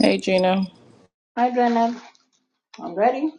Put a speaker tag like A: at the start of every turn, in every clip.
A: Hey, Gina.
B: Hi, Jonah. I'm ready.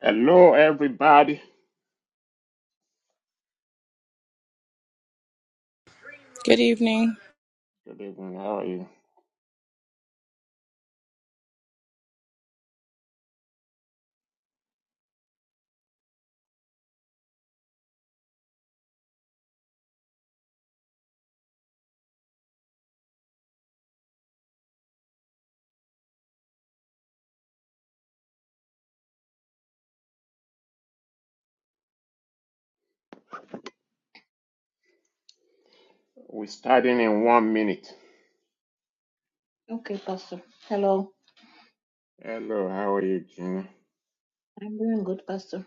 C: Hello, everybody.
A: Good evening.
C: Good evening. How are you? We're starting in one minute.
B: Okay, Pastor. Hello.
C: Hello, how are you, Gina?
B: I'm doing good, Pastor.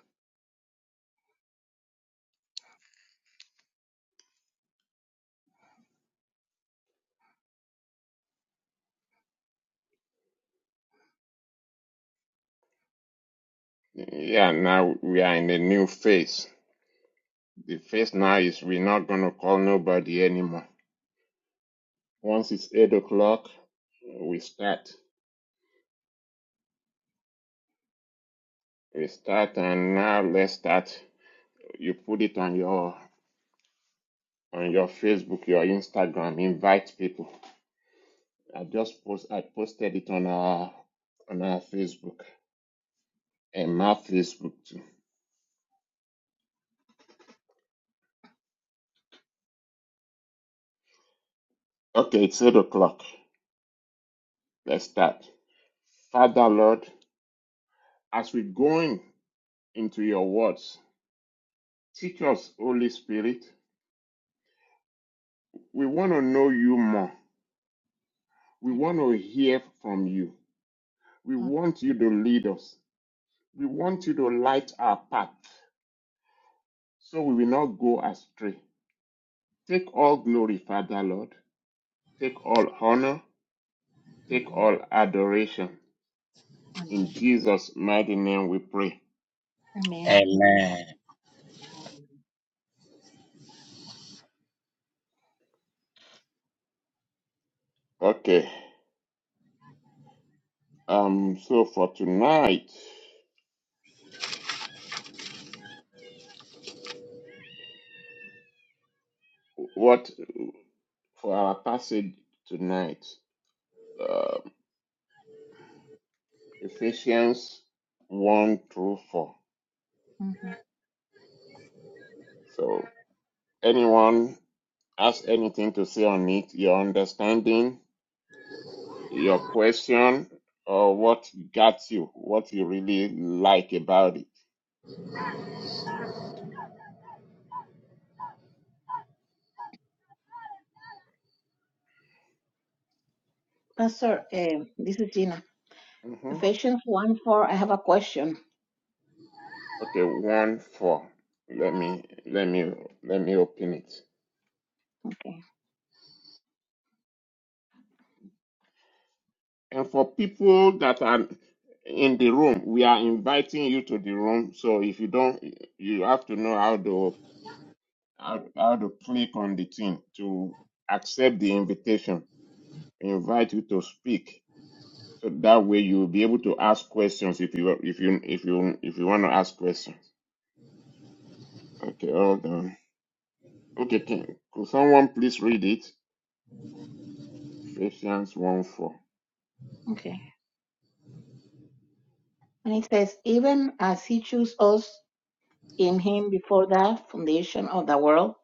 C: Yeah, now we are in a new phase. The phase now is we're not going to call nobody anymore. Once it's 8 o'clock, we start. We start, and now let's start. You put it on your on your Facebook, your Instagram, invite people. I just post I posted it on our on our Facebook and my Facebook too. Okay, it's eight o'clock. Let's start. Father, Lord, as we going into your words, teach us, Holy Spirit. We want to know you more. We want to hear from you. We
B: Oh,
C: want you to lead us. We want you to light our path so we will not go astray. Take all glory, Father, Lord. Take all honor. Take
B: amen.
C: all adoration. In
B: Amen.
C: Jesus' mighty name we pray.
B: Amen. Amen.
D: Amen.
B: amen.
C: Okay. Um, so for tonight. What for our passage tonight? Uh, Ephesians 1 through 4.
B: hmm
C: So, anyone has anything to say on it? Your understanding, your question, or what got you, what you really like about it?
B: Pastor, um, this is Gina.
C: hmm
B: Ephesians 1 4. I have a question.
C: Okay, 1 4. Let me, let me, let me open it.
B: Okay.
C: And for people that are in the room, we are inviting you to the room. So if you don't, you have to know how to how, how to click on the thing to accept the invitation. We invite you to speak, so that way you will be able to ask questions if you if you if you if you want to ask questions. Okay, hold on. Okay, can, could someone please read it? Ephesians one four.
B: Okay. And it says, even as he chose us in him before the foundation of the world,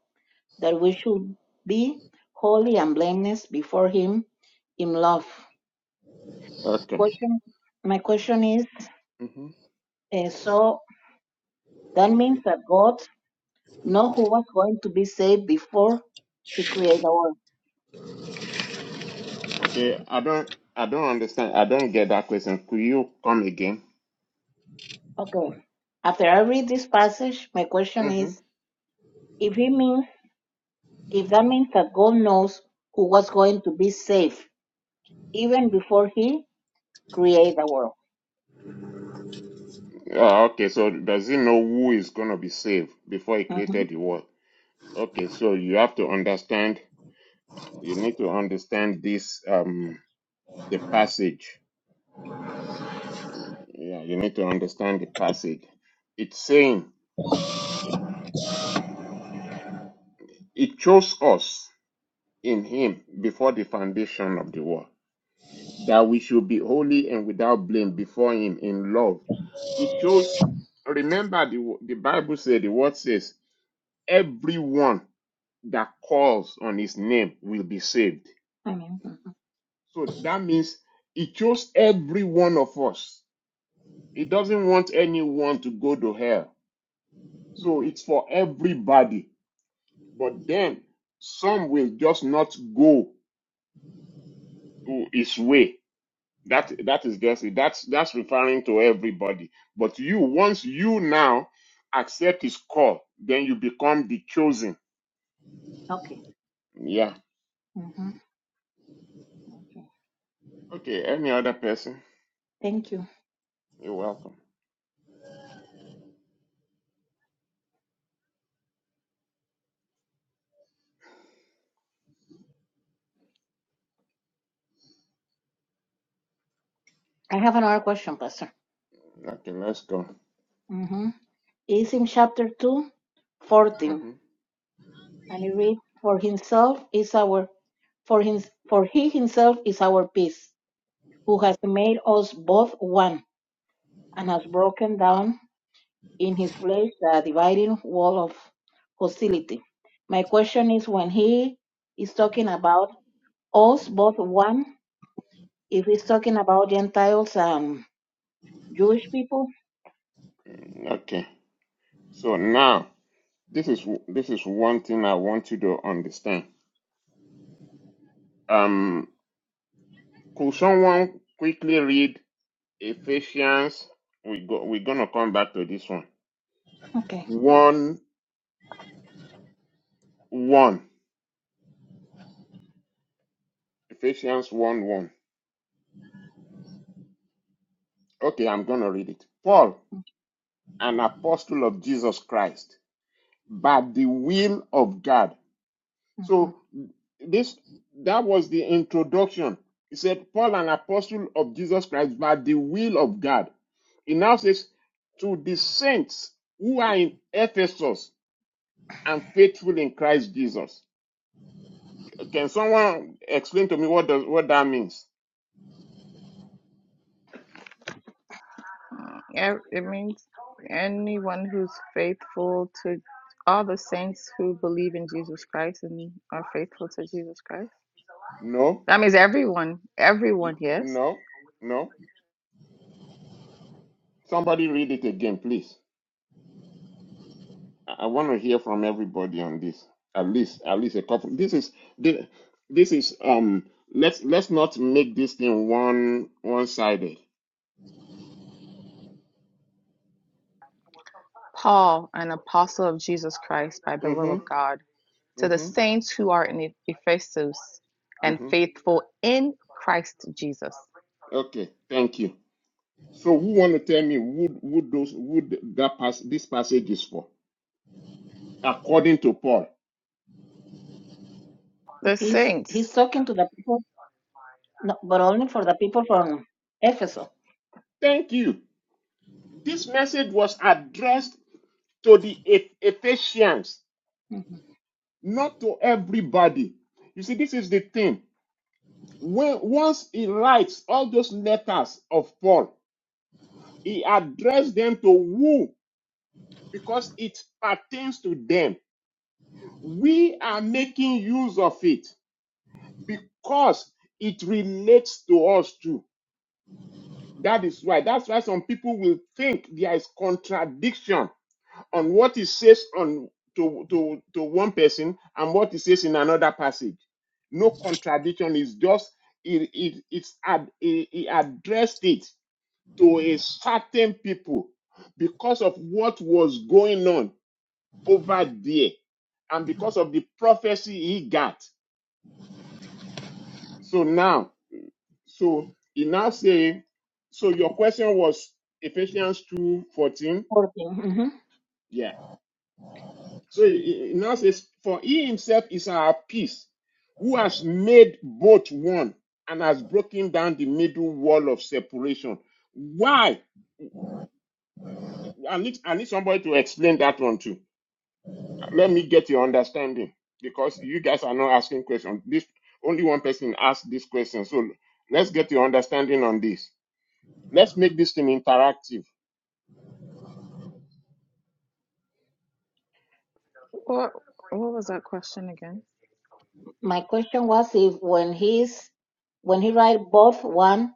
B: that we should be holy and blameless before him in love.
C: Okay.
B: Question. My question is, uh, so that means that God know who was going to be saved before he created the world.
C: Okay, I don't, I don't understand. I don't get that question. Could you come again?
B: Okay. After I read this passage, my question
C: hmm
B: is if he means if that means that God knows who was going to be saved even before he created the world.
C: Oh, okay, so does he know who is going to be saved before he
B: hmm
C: created the world? Okay, so you have to understand, you need to understand this, um, the passage. Yeah, you need to understand the passage. It's saying, He chose us in Him before the foundation of the world. that we should be holy and without blame before him in love. He chose, remember the, the Bible said, the word says, everyone that calls on his name will be saved.
B: I mean, mhm,
C: So that means he chose every one of us. He doesn't want anyone to go to hell. So
B: mhm.
C: it's for everybody. But then some will just not go to his way That that is guessing. That's that's referring to everybody. But you, once you now accept his call, then you become the chosen.
B: okay.
C: Yeah.
B: hmm okay.
C: Okay. Any other person?
B: Thank you.
C: You're welcome.
B: I have another question, Pastor.
C: Okay. Let's go.
B: hmm It's in chapter two, fourteen. 14,
C: hmm
B: and it reads, For himself is our, for, him, for he himself is our peace who has made us both one, and has broken down in his flesh the dividing wall of hostility. My question is when he is talking about us both one, if he's talking about Gentiles and Jewish people,
C: Okay. So now this is this is one thing I want you to understand. Um, could someone quickly read Ephesians? We go. We're gonna come back to this one.
B: okay.
C: One one. Ephesians one one. Okay, I'm going to read it. Paul, an apostle of Jesus Christ, by the will of God.
B: Mhm.
C: So this that was the introduction. He said, Paul, an apostle of Jesus Christ, by the will of God. He now says, to the saints who are in Ephesus and faithful in Christ Jesus. Can someone explain to me what does what that means?
A: Yeah, it means anyone who's faithful to all the saints who believe in Jesus Christ and are faithful to Jesus Christ.
C: No,
A: That means everyone, everyone,
C: N-
A: yes.
C: no, no. Somebody read it again, please. I want to hear from everybody on this. At least, at least a couple. This is the- this is um. Let's let's not make this thing one one sided.
A: Paul, an apostle of Jesus Christ by the will of
C: Mhm.
A: God, to the
C: Mhm.
A: saints who are in E- Ephesus and
C: Mhm.
A: faithful in Christ Jesus.
C: Okay. Thank you. So, who want to tell me would would those would that pass this passage is for? According to Paul.
A: The
B: He's he's
A: saints.
B: talking to the people, no, but only for the people from Ephesus.
C: Thank you. This message was addressed to the Eph- Ephesians,
B: Mhm.
C: not to everybody. You see, this is the thing When once he writes all those letters of Paul, he addressed them to who? Because it pertains to them. We are making use of it because it relates to us too. That is why. That's why some people will think there is contradiction on what he says on to, to, to one person and what he says in another passage. No contradiction is just it, it it's ad, he he addressed it to a certain people because of what was going on over there and because of the prophecy he got. So now, so he now say, so your question was Ephesians two fourteen,
B: 14. Mhm.
C: Yeah. So he he- now says, for he himself is our peace, who has made both one and has broken down the middle wall of separation. Why? I need, I need somebody to explain that one too. let me get your understanding because you guys are not asking questions. This only one person asked this question. So let's get your understanding on this. Let's make this thing interactive.
A: What, what was that question again?
B: My question was if when he's when he write both one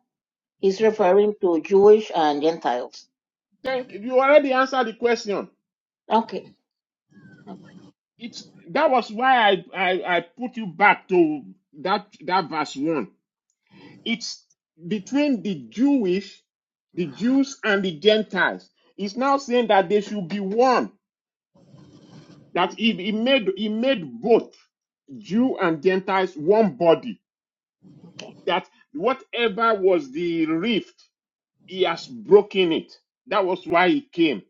B: He's referring to Jewish and Gentiles.
C: Thank you. You already answered the question.
B: Okay.
C: It's that was why I, I, I put you back to that that verse one. It's between the Jewish, the Jews and the Gentiles. It's now saying that they should be one. That he, he made he made both Jew and Gentiles one body
B: Okay.
C: that whatever was the rift, he has broken it. That was why he came.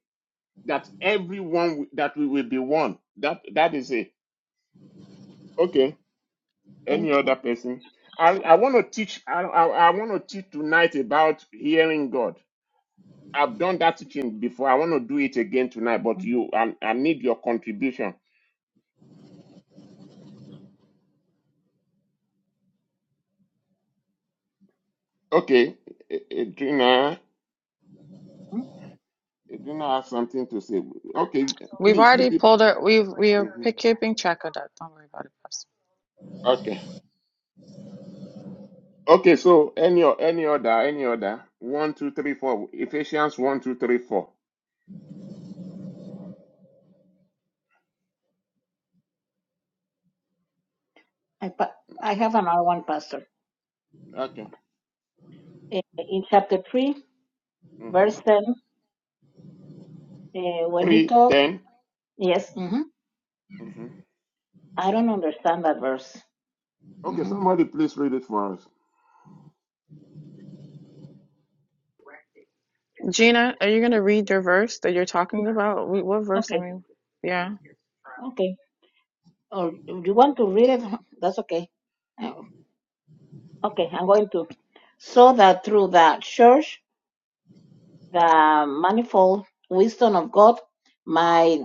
C: That everyone that we will be one. That that is it. Okay. Any
B: Thank you.
C: other person? I, I want to teach. I, I, I want to teach tonight about hearing God. I've done that teaching before. I want to do it again tonight. But you, I, I need your contribution. Okay, A- A- Adrina,
B: Hmm?
C: Adrina has something to say. Okay,
A: We've
C: please, you
A: already
C: people.
A: pulled our, we've, we are
C: Mhm.
A: pick- keeping track of that. Don't worry about it, Pastor.
C: Okay. Okay, so any o- any other, any other. One, two, three, four. Ephesians one, two, three, four.
B: I, pa- I have another one, Pastor.
C: Okay.
B: Eh, In chapter 3,
C: Mm-hmm.
B: verse 10, eh, when he
C: Three,
B: talked,
C: ten.
B: yes, hmm
C: Mm-hmm.
B: I don't understand that verse.
C: Okay,
B: hmm
C: somebody please read it for us.
A: Gina, are you going to read your verse that you're talking about? We, what verse? I
B: Okay.
A: mean, yeah.
B: Okay. Or do you want to read it, that's okay. Eh, Okay. I'm going to. So that through the church, the manifold wisdom of God might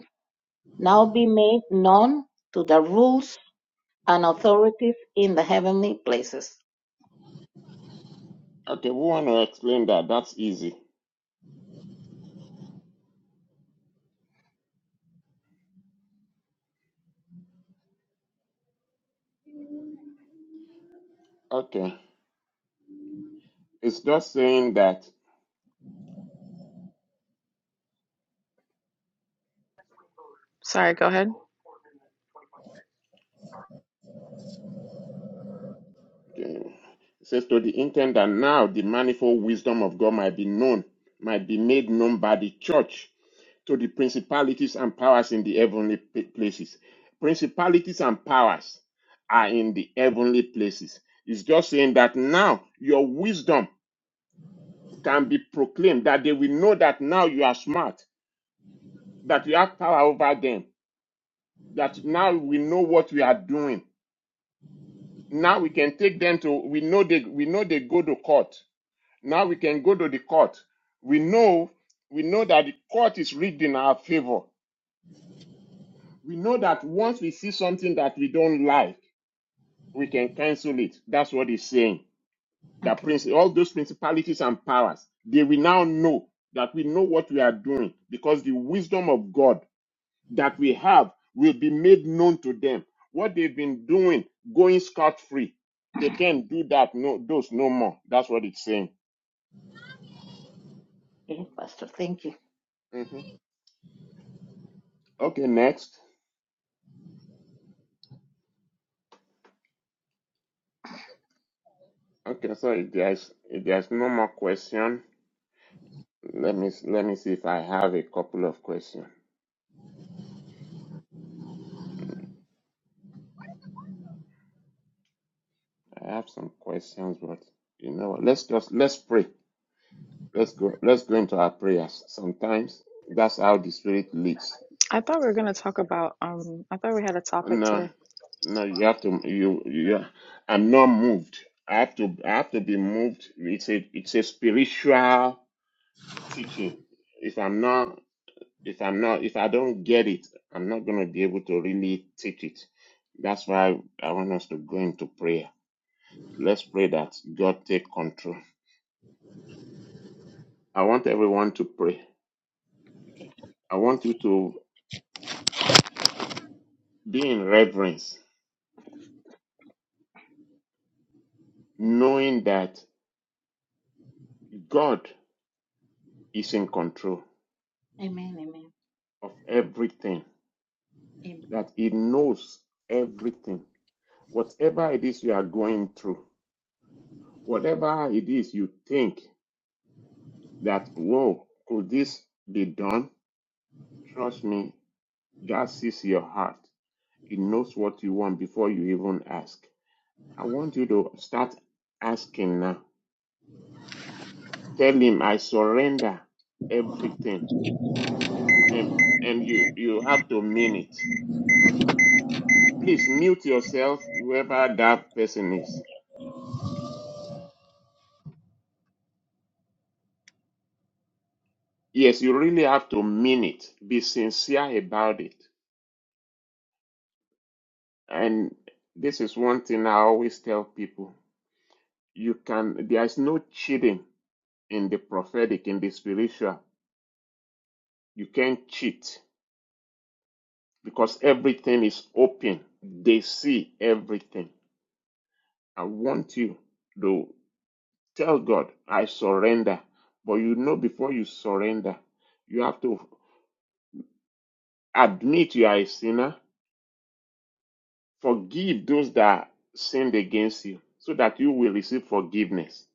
B: now be made known to the and authorities in the heavenly places.
C: Okay, we want to explain that. That's easy. Okay. It's just saying that
A: Sorry, go ahead.
C: okay, it says to the intent that now the manifold wisdom of God might be known, might be made known by the church. to the principalities and powers in the heavenly p- places. Principalities and powers are in the heavenly places. It's just saying that now your wisdom can be proclaimed, that they will know that now you are smart, that you have power over them, that now we know what we are doing. Now we can take them to we know they we know they go to court. Now we can go to the court. We know we know that the court is rigged in our favor. We know that once we see something that we don't like we can cancel it. That's what he's saying. That
B: Okay.
C: prince, all those principalities and powers, they will now know that we know what we are doing because the wisdom of God that we have will be made known to them. What they've been doing, going scot free, they can't do that. No, those no more. That's what it's saying.
B: Okay, Pastor. Thank you.
C: hmm Okay, next. Okay, so if there's if there's no more question, let me let me see if I have a couple of questions. I have some questions, but you know, what, let's just let's pray. Let's go. Let's go into our prayers. Sometimes that's how the Spirit leads.
A: I thought we were going to talk about, um, I thought we had a topic
C: No,
A: today.
C: no, you have to. You, you. I'm not moved. I have to. I have to be moved. It's a. It's a spiritual teaching. If I'm not. If I'm not. If I don't get it, I'm not going to be able to really teach it. That's why I want us to go into prayer. Let's pray that God take control. I want everyone to pray.
B: Okay.
C: I want you to be in reverence, knowing that. God is in control
B: Amen. Amen.
C: of everything,
B: Amen.
C: that He knows everything. Whatever it is you are going through, whatever it is you think that, whoa, could this be done? Trust me, God sees your heart. He knows what you want before you even ask. I want you to start asking now. Tell Him, I surrender everything. And, and you, you have to mean it. Please mute yourself, whoever that person is. Yes, you really have to mean it. Be sincere about it. And this is one thing I always tell people. You can, there is no cheating in the prophetic, in the spiritual. You can't cheat because everything is open. They see everything. I want you to tell God, I surrender. But you know, before you surrender, you have to admit you are a sinner Forgive those that sinned against you, so that you will receive forgiveness,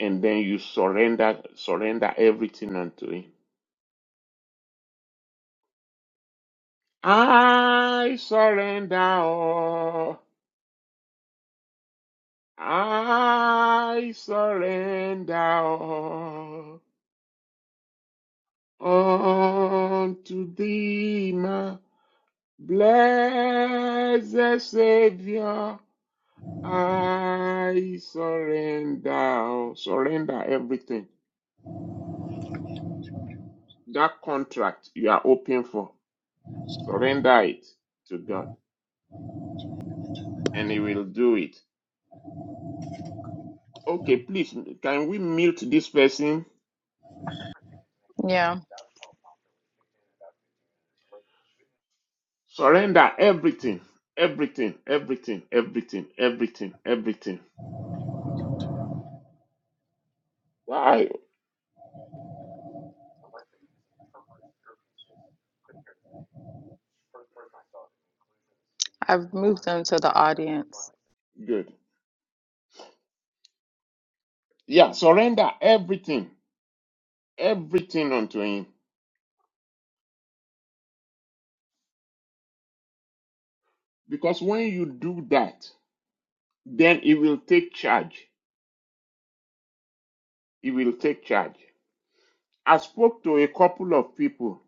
C: and then you surrender surrender everything unto Him. I surrender all. I surrender all unto Thee, my blessed Savior. I surrender all. Surrender everything That contract you are hoping for, surrender it to God and He will do it. Okay, please, can we mute this person?
A: Yeah,
C: Surrender everything, everything, everything, everything, everything, everything. Why?
A: I've moved them to the audience.
C: Good. Yeah, surrender everything, everything unto Him. Because when you do that, then He will take charge. He will take charge. I spoke to a couple of people,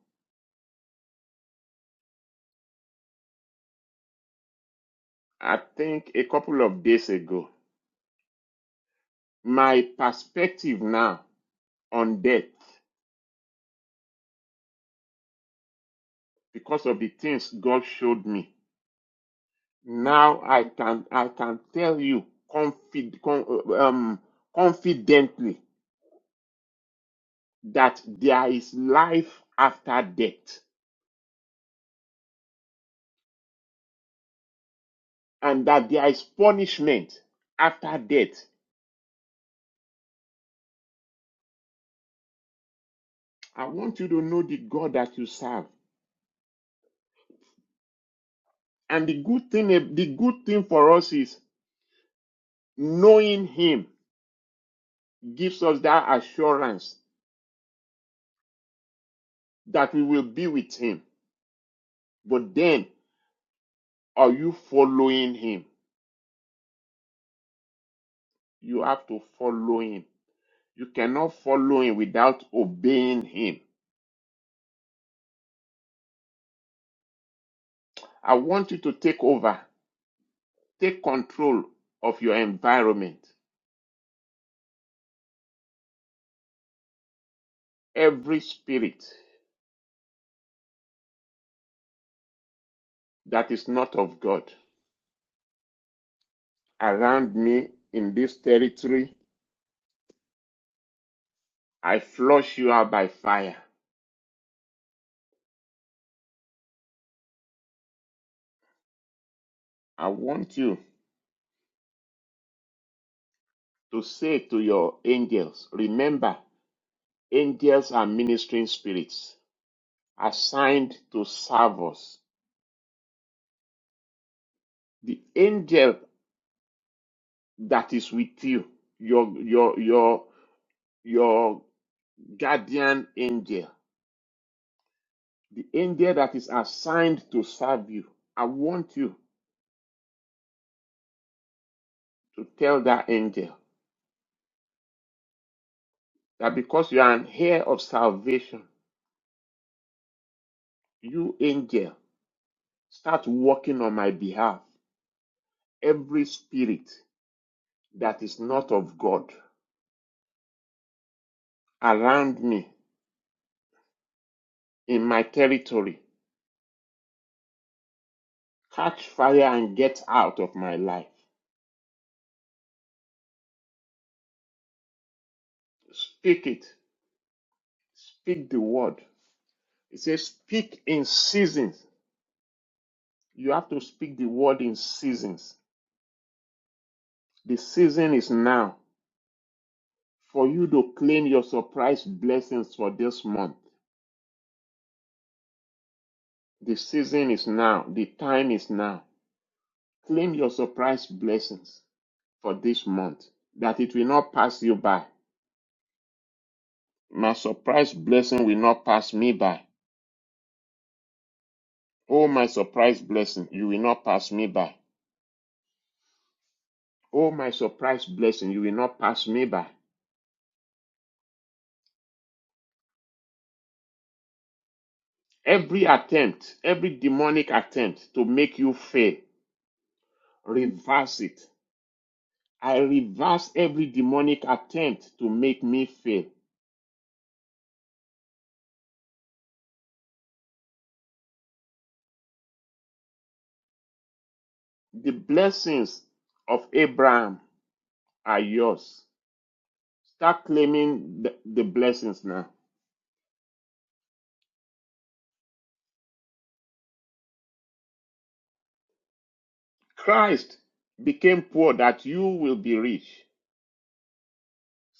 C: I think a couple of days ago. my perspective now on death because of the things God showed me. Now I can I can tell you confid, um, confidently that there is life after death and that there is punishment after death. I want you to know the God that you serve. And the good thing the good thing for us is knowing him gives us that assurance that we will be with him. But then Are you following him? You have to follow him. You cannot follow him without obeying him. I want you to take over, take control of your environment. Every spirit that is not of God around me in this territory, I flush you out by fire. I want you to say to your angels, remember, angels are ministering spirits assigned to serve us. The angel that is with you, your your your your guardian angel, the angel that is assigned to serve you. I want you to tell that angel that because you are an heir of salvation, you angel, start working on my behalf. Every spirit that is not of God around me in my territory, catch fire and get out of my life. Speak it. Speak the word. It says, speak in seasons. You have to speak the word in seasons. The season is now for you to claim your surprise blessings for this month. The season is now. The time is now. Claim your surprise blessings for this month that it will not pass you by. My surprise blessing will not pass me by. Oh, my surprise blessing, you will not pass me by. Oh, my surprise blessing, you will not pass me by. Every attempt, every demonic attempt to make you fail, reverse it. I reverse every demonic attempt to make me fail. The blessings of Abraham are yours. Start claiming the, the blessings now. Christ became poor that you will be rich.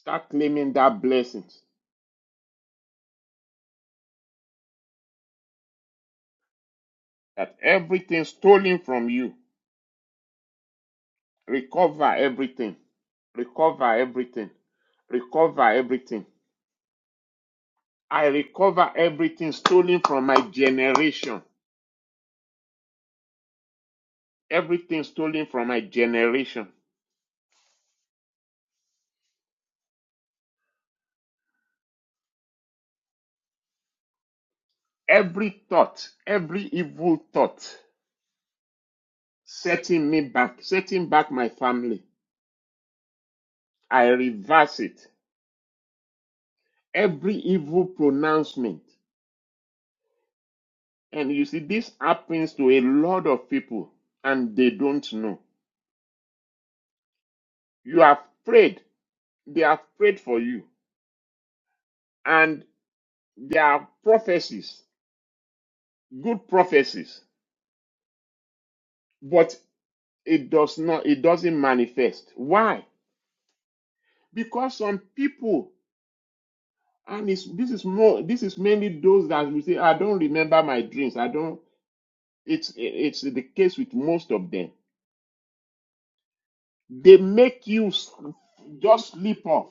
C: Start claiming that blessings, that everything stolen from you, recover everything, recover everything, recover everything I recover everything stolen from my generation. Everything stolen from my generation. Every thought, every evil thought setting me back, setting back my family. I reverse it. Every evil pronouncement. And you see, this happens to a lot of people and they don't know. You have prayed. They have prayed for you. And there are prophecies, good prophecies. but. it does not it doesn't manifest why because some people and it's, this is more this is mainly those that will say i don't remember my dreams i don't it's it's the case with most of them they make you just sleep off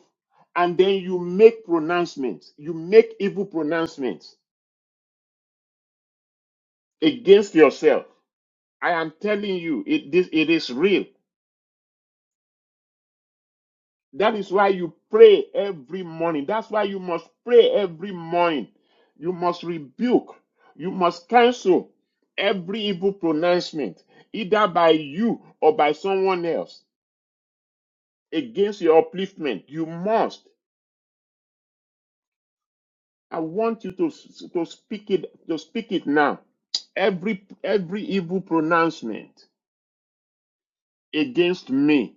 C: and then you make pronouncements you make evil pronouncements against yourself i am telling you it this it is real That is why you pray every morning. That's why you must pray every morning. You must rebuke. You must cancel every evil pronouncement, either by you or by someone else, against your upliftment. You must. I want you to, to speak it to speak it now. Every every evil pronouncement against me,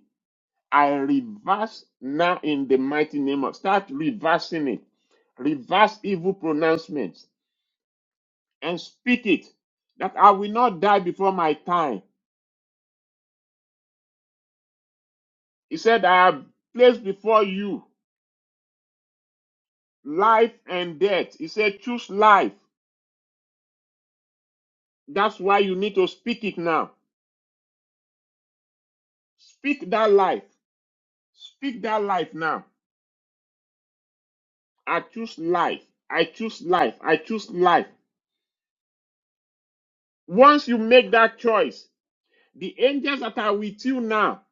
C: I reverse now in the mighty name of. Start reversing it. Reverse evil pronouncements and speak it, that I will not die before my time. He said, I have placed before you life and death. He said, choose life. That's why you need to speak it now. Speak that life. Speak that life now. I choose life. I choose life. I choose life. Once you make that choice, the angels that are with you now,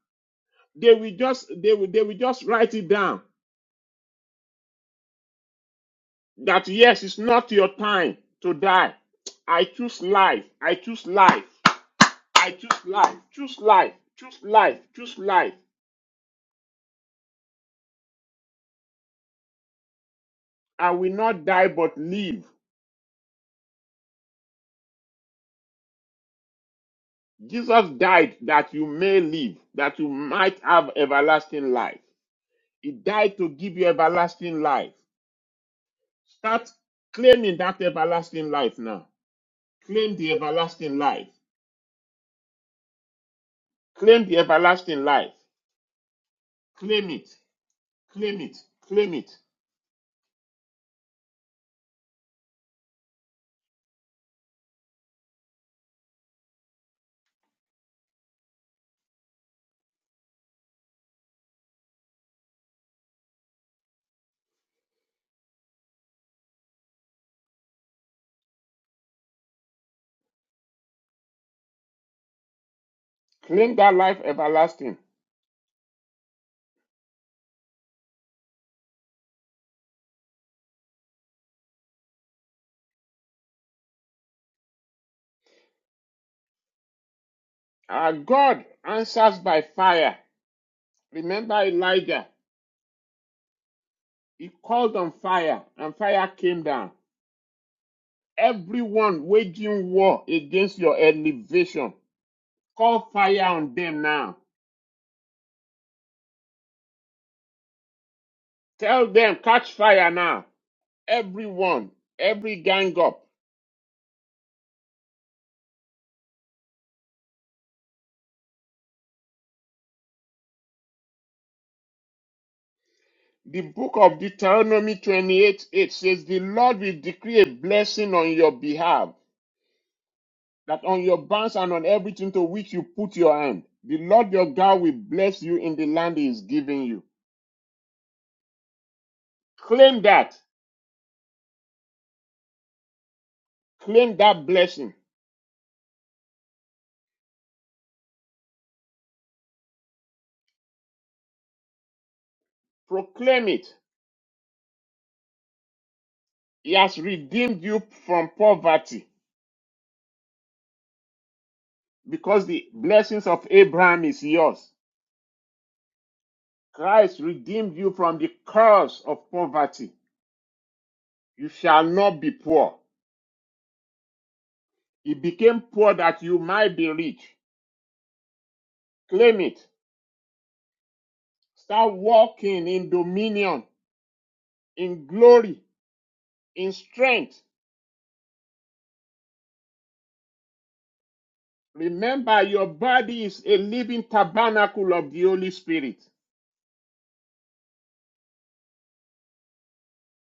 C: they will just they will they will just write it down. that yes, it's not your time to die. I choose life. I choose life. I choose life. Choose life. Choose life. Choose life. I will not die but live. Jesus died that you may live, that you might have everlasting life. He died to give you everlasting life. Start claiming that everlasting life now. Claim the everlasting life. Claim the everlasting life. Claim it. Claim it. Claim it. Claim that life everlasting. Our God answers by fire. Remember Elijah? He called on fire and fire came down. Everyone waging war against your elevation, call fire on them now. Tell them, catch fire now. Everyone, every gang up. The book of Deuteronomy 28 8 says, The Lord will decree a blessing on your behalf, that on your barns and on everything to which you put your hand, the Lord your God will bless you in the land he is giving you. Claim that. Claim that blessing. Proclaim it. He has redeemed you from poverty because the blessings of Abraham is yours. Christ redeemed you from the curse of poverty. You shall not be poor. He became poor that you might be rich. Claim it. Start walking in dominion, in glory, in strength. Remember, your body is a living tabernacle of the Holy Spirit.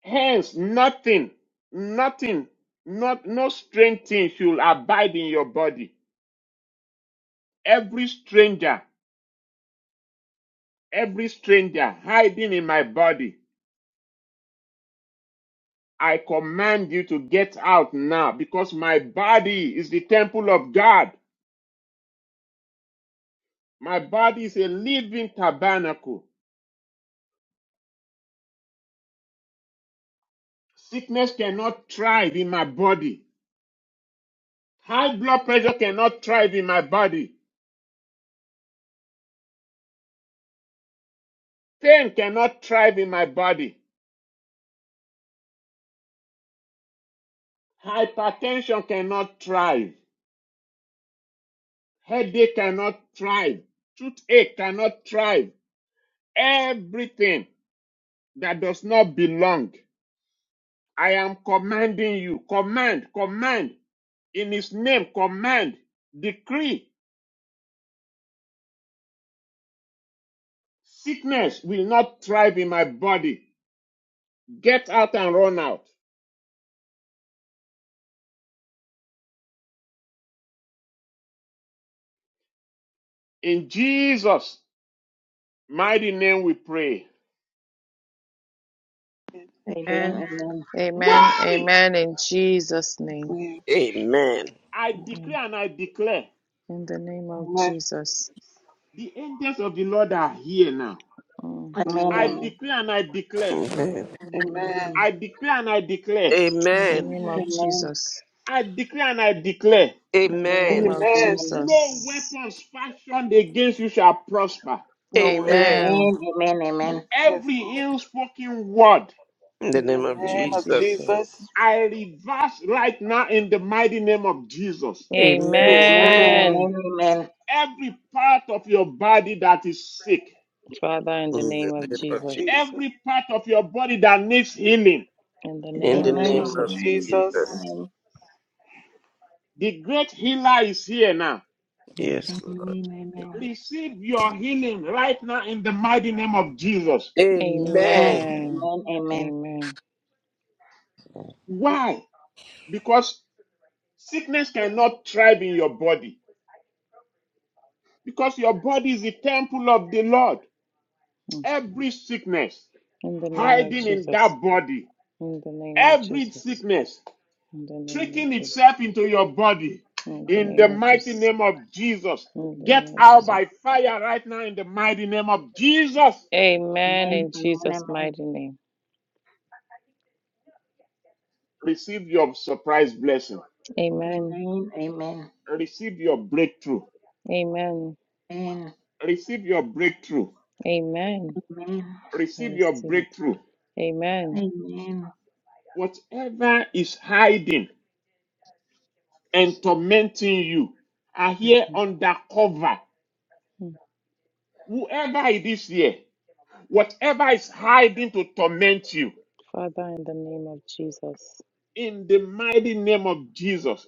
C: Hence, nothing, nothing, not no strange thing should abide in your body. Every stranger, every stranger hiding in my body, I command you to get out now because my body is the temple of God. My body is a living tabernacle. Sickness cannot thrive in my body. High blood pressure cannot thrive in my body. Pain cannot thrive in my body. Hypertension cannot thrive. Headache cannot thrive. Toothache cannot thrive. Everything that does not belong. I am commanding you. Command, command. In his name, command. Decree. Sickness will not thrive in my body. Get out and run out. In Jesus' mighty name we pray.
B: Amen.
A: And
B: Amen.
A: amen,
C: Worry!
A: amen, in Jesus' name.
E: Amen.
F: Amen.
C: I
A: Mm.
C: declare and I declare.
A: In the name of
E: Amen.
A: Jesus.
C: The angels of the Lord are here now.
A: Mm.
B: Amen.
C: I
E: Amen.
C: declare and I declare.
F: Amen.
E: Amen.
A: Amen.
C: I declare and I declare.
A: In the
F: Amen.
A: name
B: Amen.
A: of
E: Amen.
B: Amen.
A: Jesus.
C: I decree and I declare,
A: In the name
F: Amen.
A: of
E: Amen.
B: Amen.
C: no
A: Jesus.
C: weapons fashioned against you shall prosper.
E: No
B: Amen.
E: one.
F: Amen.
A: Amen.
B: Amen. Amen. Amen.
E: Yes, yes,
C: Every
E: Lord.
C: ill spoken word
F: In the
E: In the
F: name of
A: name
E: name
A: of
E: of
F: Jesus.
A: Jesus.
E: Jesus.
C: I reverse right now in the mighty name of Jesus.
F: Amen.
E: Amen.
A: Amen.
B: Amen. Amen.
C: Every part of your body that is sick,
A: Father, in the
F: In the
A: name of
F: name of
A: Jesus.
F: Jesus.
E: Jesus.
C: every part of your body that needs healing,
A: In the
E: In
F: In
A: name
E: the
F: the
A: of
B: Amen.
E: name of
F: name of
B: Amen.
A: Jesus.
B: In Jesus'
F: Jesus.
E: Jesus.
B: name.
C: the great healer is here now.
A: Mm.
B: Amen.
F: Yes. Lord.
B: Amen.
C: Receive your healing right now in the mighty name of Jesus.
B: Amen.
F: Amen.
A: Amen.
B: Amen. Amen.
A: Amen.
C: Why? Because sickness cannot thrive in your body Because your body is the temple of the Lord.
A: Mm.
C: Every sickness
A: In the name of
C: hiding in
A: Jesus.
C: that body,
A: In the name of
C: every
A: Jesus.
C: sickness
A: In the name of
C: tricking
A: Jesus.
C: itself into your body,
A: In the
C: in
A: name
C: the
A: of
C: mighty
A: Jesus.
C: name of Jesus,
A: In the
C: get
A: name of
C: out
A: Jesus.
C: by fire right now in the mighty name of Jesus.
A: Amen.
B: Amen. Amen.
A: In Jesus' mighty name.
C: Receive your surprise blessing,
B: Amen. Amen.
A: Amen.
B: Amen.
C: receive your breakthrough,
A: Amen.
B: Amen.
C: receive your breakthrough,
A: Amen. I
C: receive your
A: receive it.
C: breakthrough.
B: Amen. Amen.
A: Amen.
B: Amen.
C: Whatever is hiding and tormenting you, are here
A: Okay.
C: undercover
A: Mm.
C: Whoever it is here, whatever is hiding to torment you,
A: Father, in the name of Jesus.
C: in the mighty name of Jesus,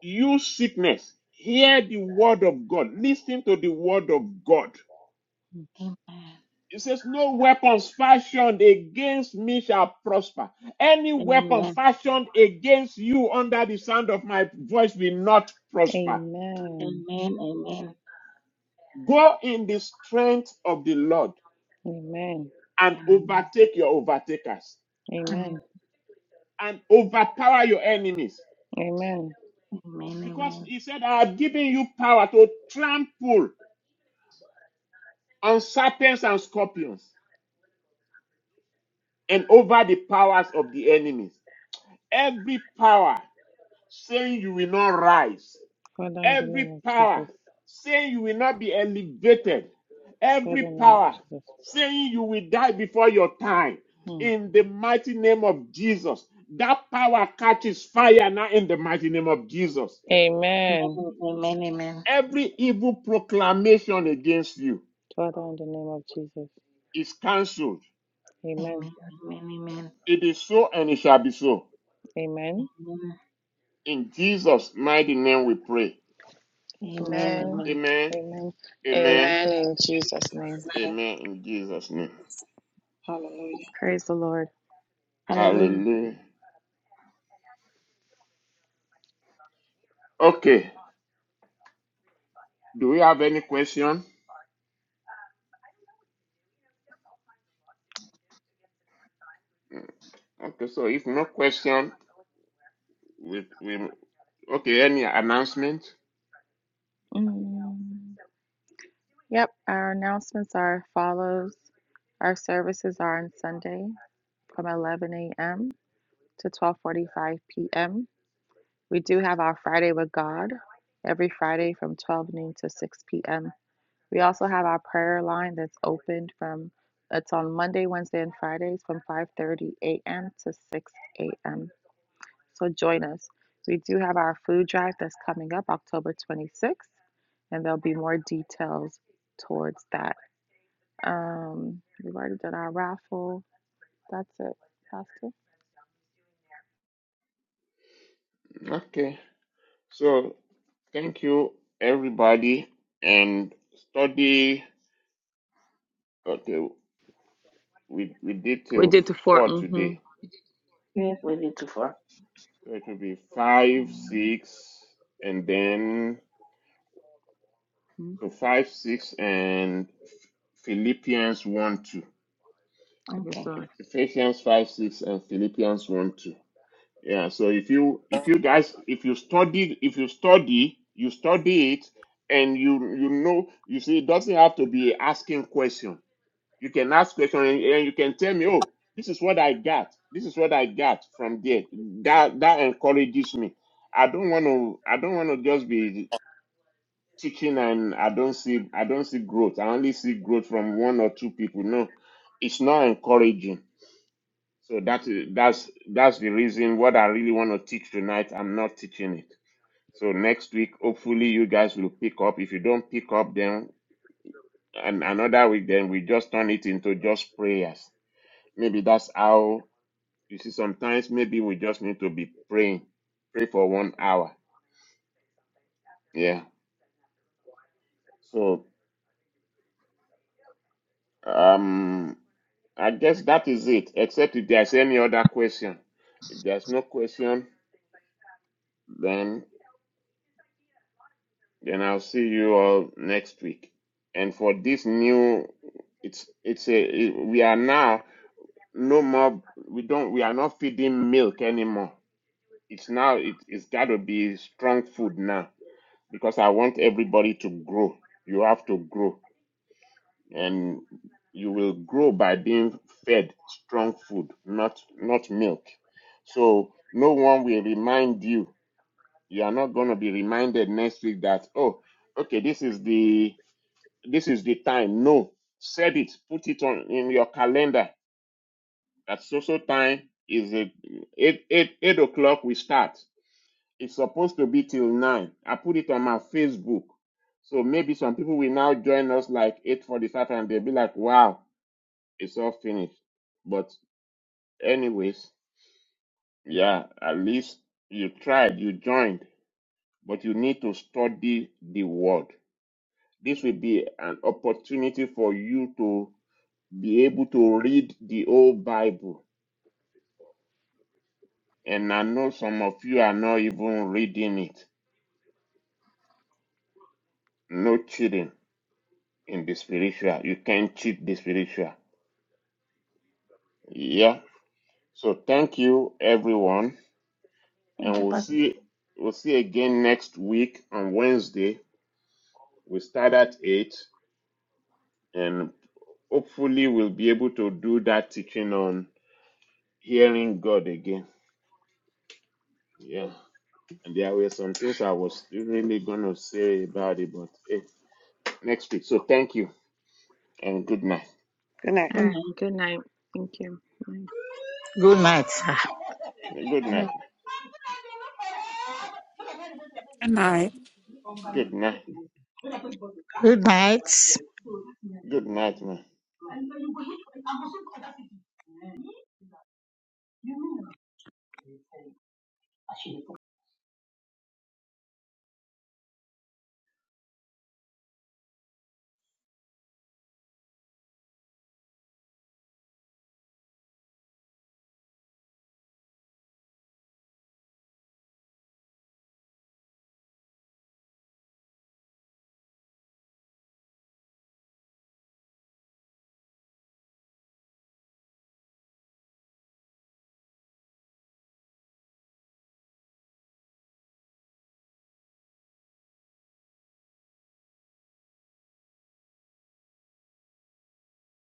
C: you sickness, hear the word of God. Listen to the word of God. It says, No weapons fashioned against me shall prosper. Any weapon fashioned against you under the sound of my voice will not prosper.
B: Amen.
A: Amen.
B: Amen. Amen.
C: Go in the strength of the Lord
A: Amen.
C: and
B: Amen.
C: overtake your overtakers
B: Amen.
A: Amen.
C: and overpower your enemies
A: Amen.
B: Amen,
C: Because
B: amen.
C: he said, I have given you power to trample on serpents and scorpions and over the powers of the enemies. Every power saying you will not rise,
A: Father, in the name
C: every
A: of
C: power
A: Jesus.
C: saying you will not be elevated,
A: Father, in
C: every
A: the name
C: power
A: of Jesus.
C: saying you will die before your time.
A: Hmm.
C: In the mighty name of Jesus, that power catches fire now in the mighty name of Jesus.
A: Amen.
B: Amen, amen, amen.
C: Every evil proclamation against you
A: Father, in the name of Jesus.
C: is cancelled
A: Amen.
B: Amen, amen, amen.
C: It is so and it shall be so.
A: Amen.
B: Amen,
C: In Jesus' mighty name we pray.
B: amen.
A: Amen.
B: amen.
C: Amen.
A: Amen.
C: Amen.
E: Amen.
A: Amen. In Jesus' name.
E: Amen.
C: Amen. In Jesus' name.
E: Hallelujah.
A: Praise the Lord.
B: Hallelujah.
C: Hallelujah. Okay. Do we have any question? Mm, Okay, so if no question, we, we okay, any announcement?
A: Mm. Yep. Our announcements are follows. Our services are on Sunday from 11 a.m. to 12:45 p.m. We do have our Friday with God every Friday from 12 noon to 6 p.m. We also have our prayer line that's opened from it's on Monday, Wednesday, and Fridays from 5:30 a.m. to 6 a.m. So join us. We do have our food drive that's coming up October 26th, and there'll be more details towards that. Um, we've already done our raffle. That's it, Pastor.
C: Okay. So thank you everybody and study okay we, we did
A: We
C: till
A: did the fort.
C: four today.
A: Mm-hmm.
B: Yes, we need to for.
C: So it will be five, six, and then So 5, 6, and Philippians 1, 2.
A: I guess
B: Okay.
A: so.
C: Ephesians 5, 6, and Philippians 1, 2. Yeah, so if you if you guys if you study if you study you study it and you you know you see it doesn't have to be asking question. You can ask question and, and you can tell me, oh, this is what I got. This is what I got from there. That that encourages me. I don't want to I don't want to just be teaching and I don't see I don't see growth. I only see growth from one or two people. No, it's not encouraging. So that is that's that's the reason what I really want to teach tonight. I'm not teaching it. So next week, hopefully you guys will pick up. If you don't pick up, then and another week, then we just turn it into just prayers. Maybe that's how you see. Sometimes maybe we just need to be praying, pray for one hour. Yeah. So. Um, I guess that is it, except if there's any other question. If there's no question, then then I'll see you all next week. And for this new, it's it's a it- we are now no more we don't we are not feeding milk anymore. It's now it, it's got to be strong food now because I want everybody to grow. You have to grow. and you will grow by being fed strong food, not not milk. So no one will remind you. You are not going to be reminded next week that oh, okay, this is the this is the time. No, set it, put it on in your calendar. That social time is at eight eight eight o'clock. We start. It's supposed to be till nine. I put it on my Facebook. So maybe some people will now join us like 8:45 and they'll be like, wow, it's all finished. But anyways, yeah, at least you tried, you joined, but you need to study the word. This will be an opportunity for you to be able to read the old Bible. And I know some of you are not even reading it. No cheating in the spiritual. You can't cheat the spiritual. Yeah. So thank you everyone.
B: Thank
C: And
B: you,
C: we'll
B: Pastor.
C: see we'll see again next week on Wednesday We start at 8 and hopefully we'll be able to do that teaching on hearing God again. Yeah. And there were some things I was really going to say about it, but hey, next week. So thank you and good night.
E: Good night.
A: All right. Good night. Thank you. Bye.
G: Good night. sir.
C: Good
H: Good night.
C: night.
I: Good night.
C: Good night.
G: Good
C: Good
G: night.
C: night, man.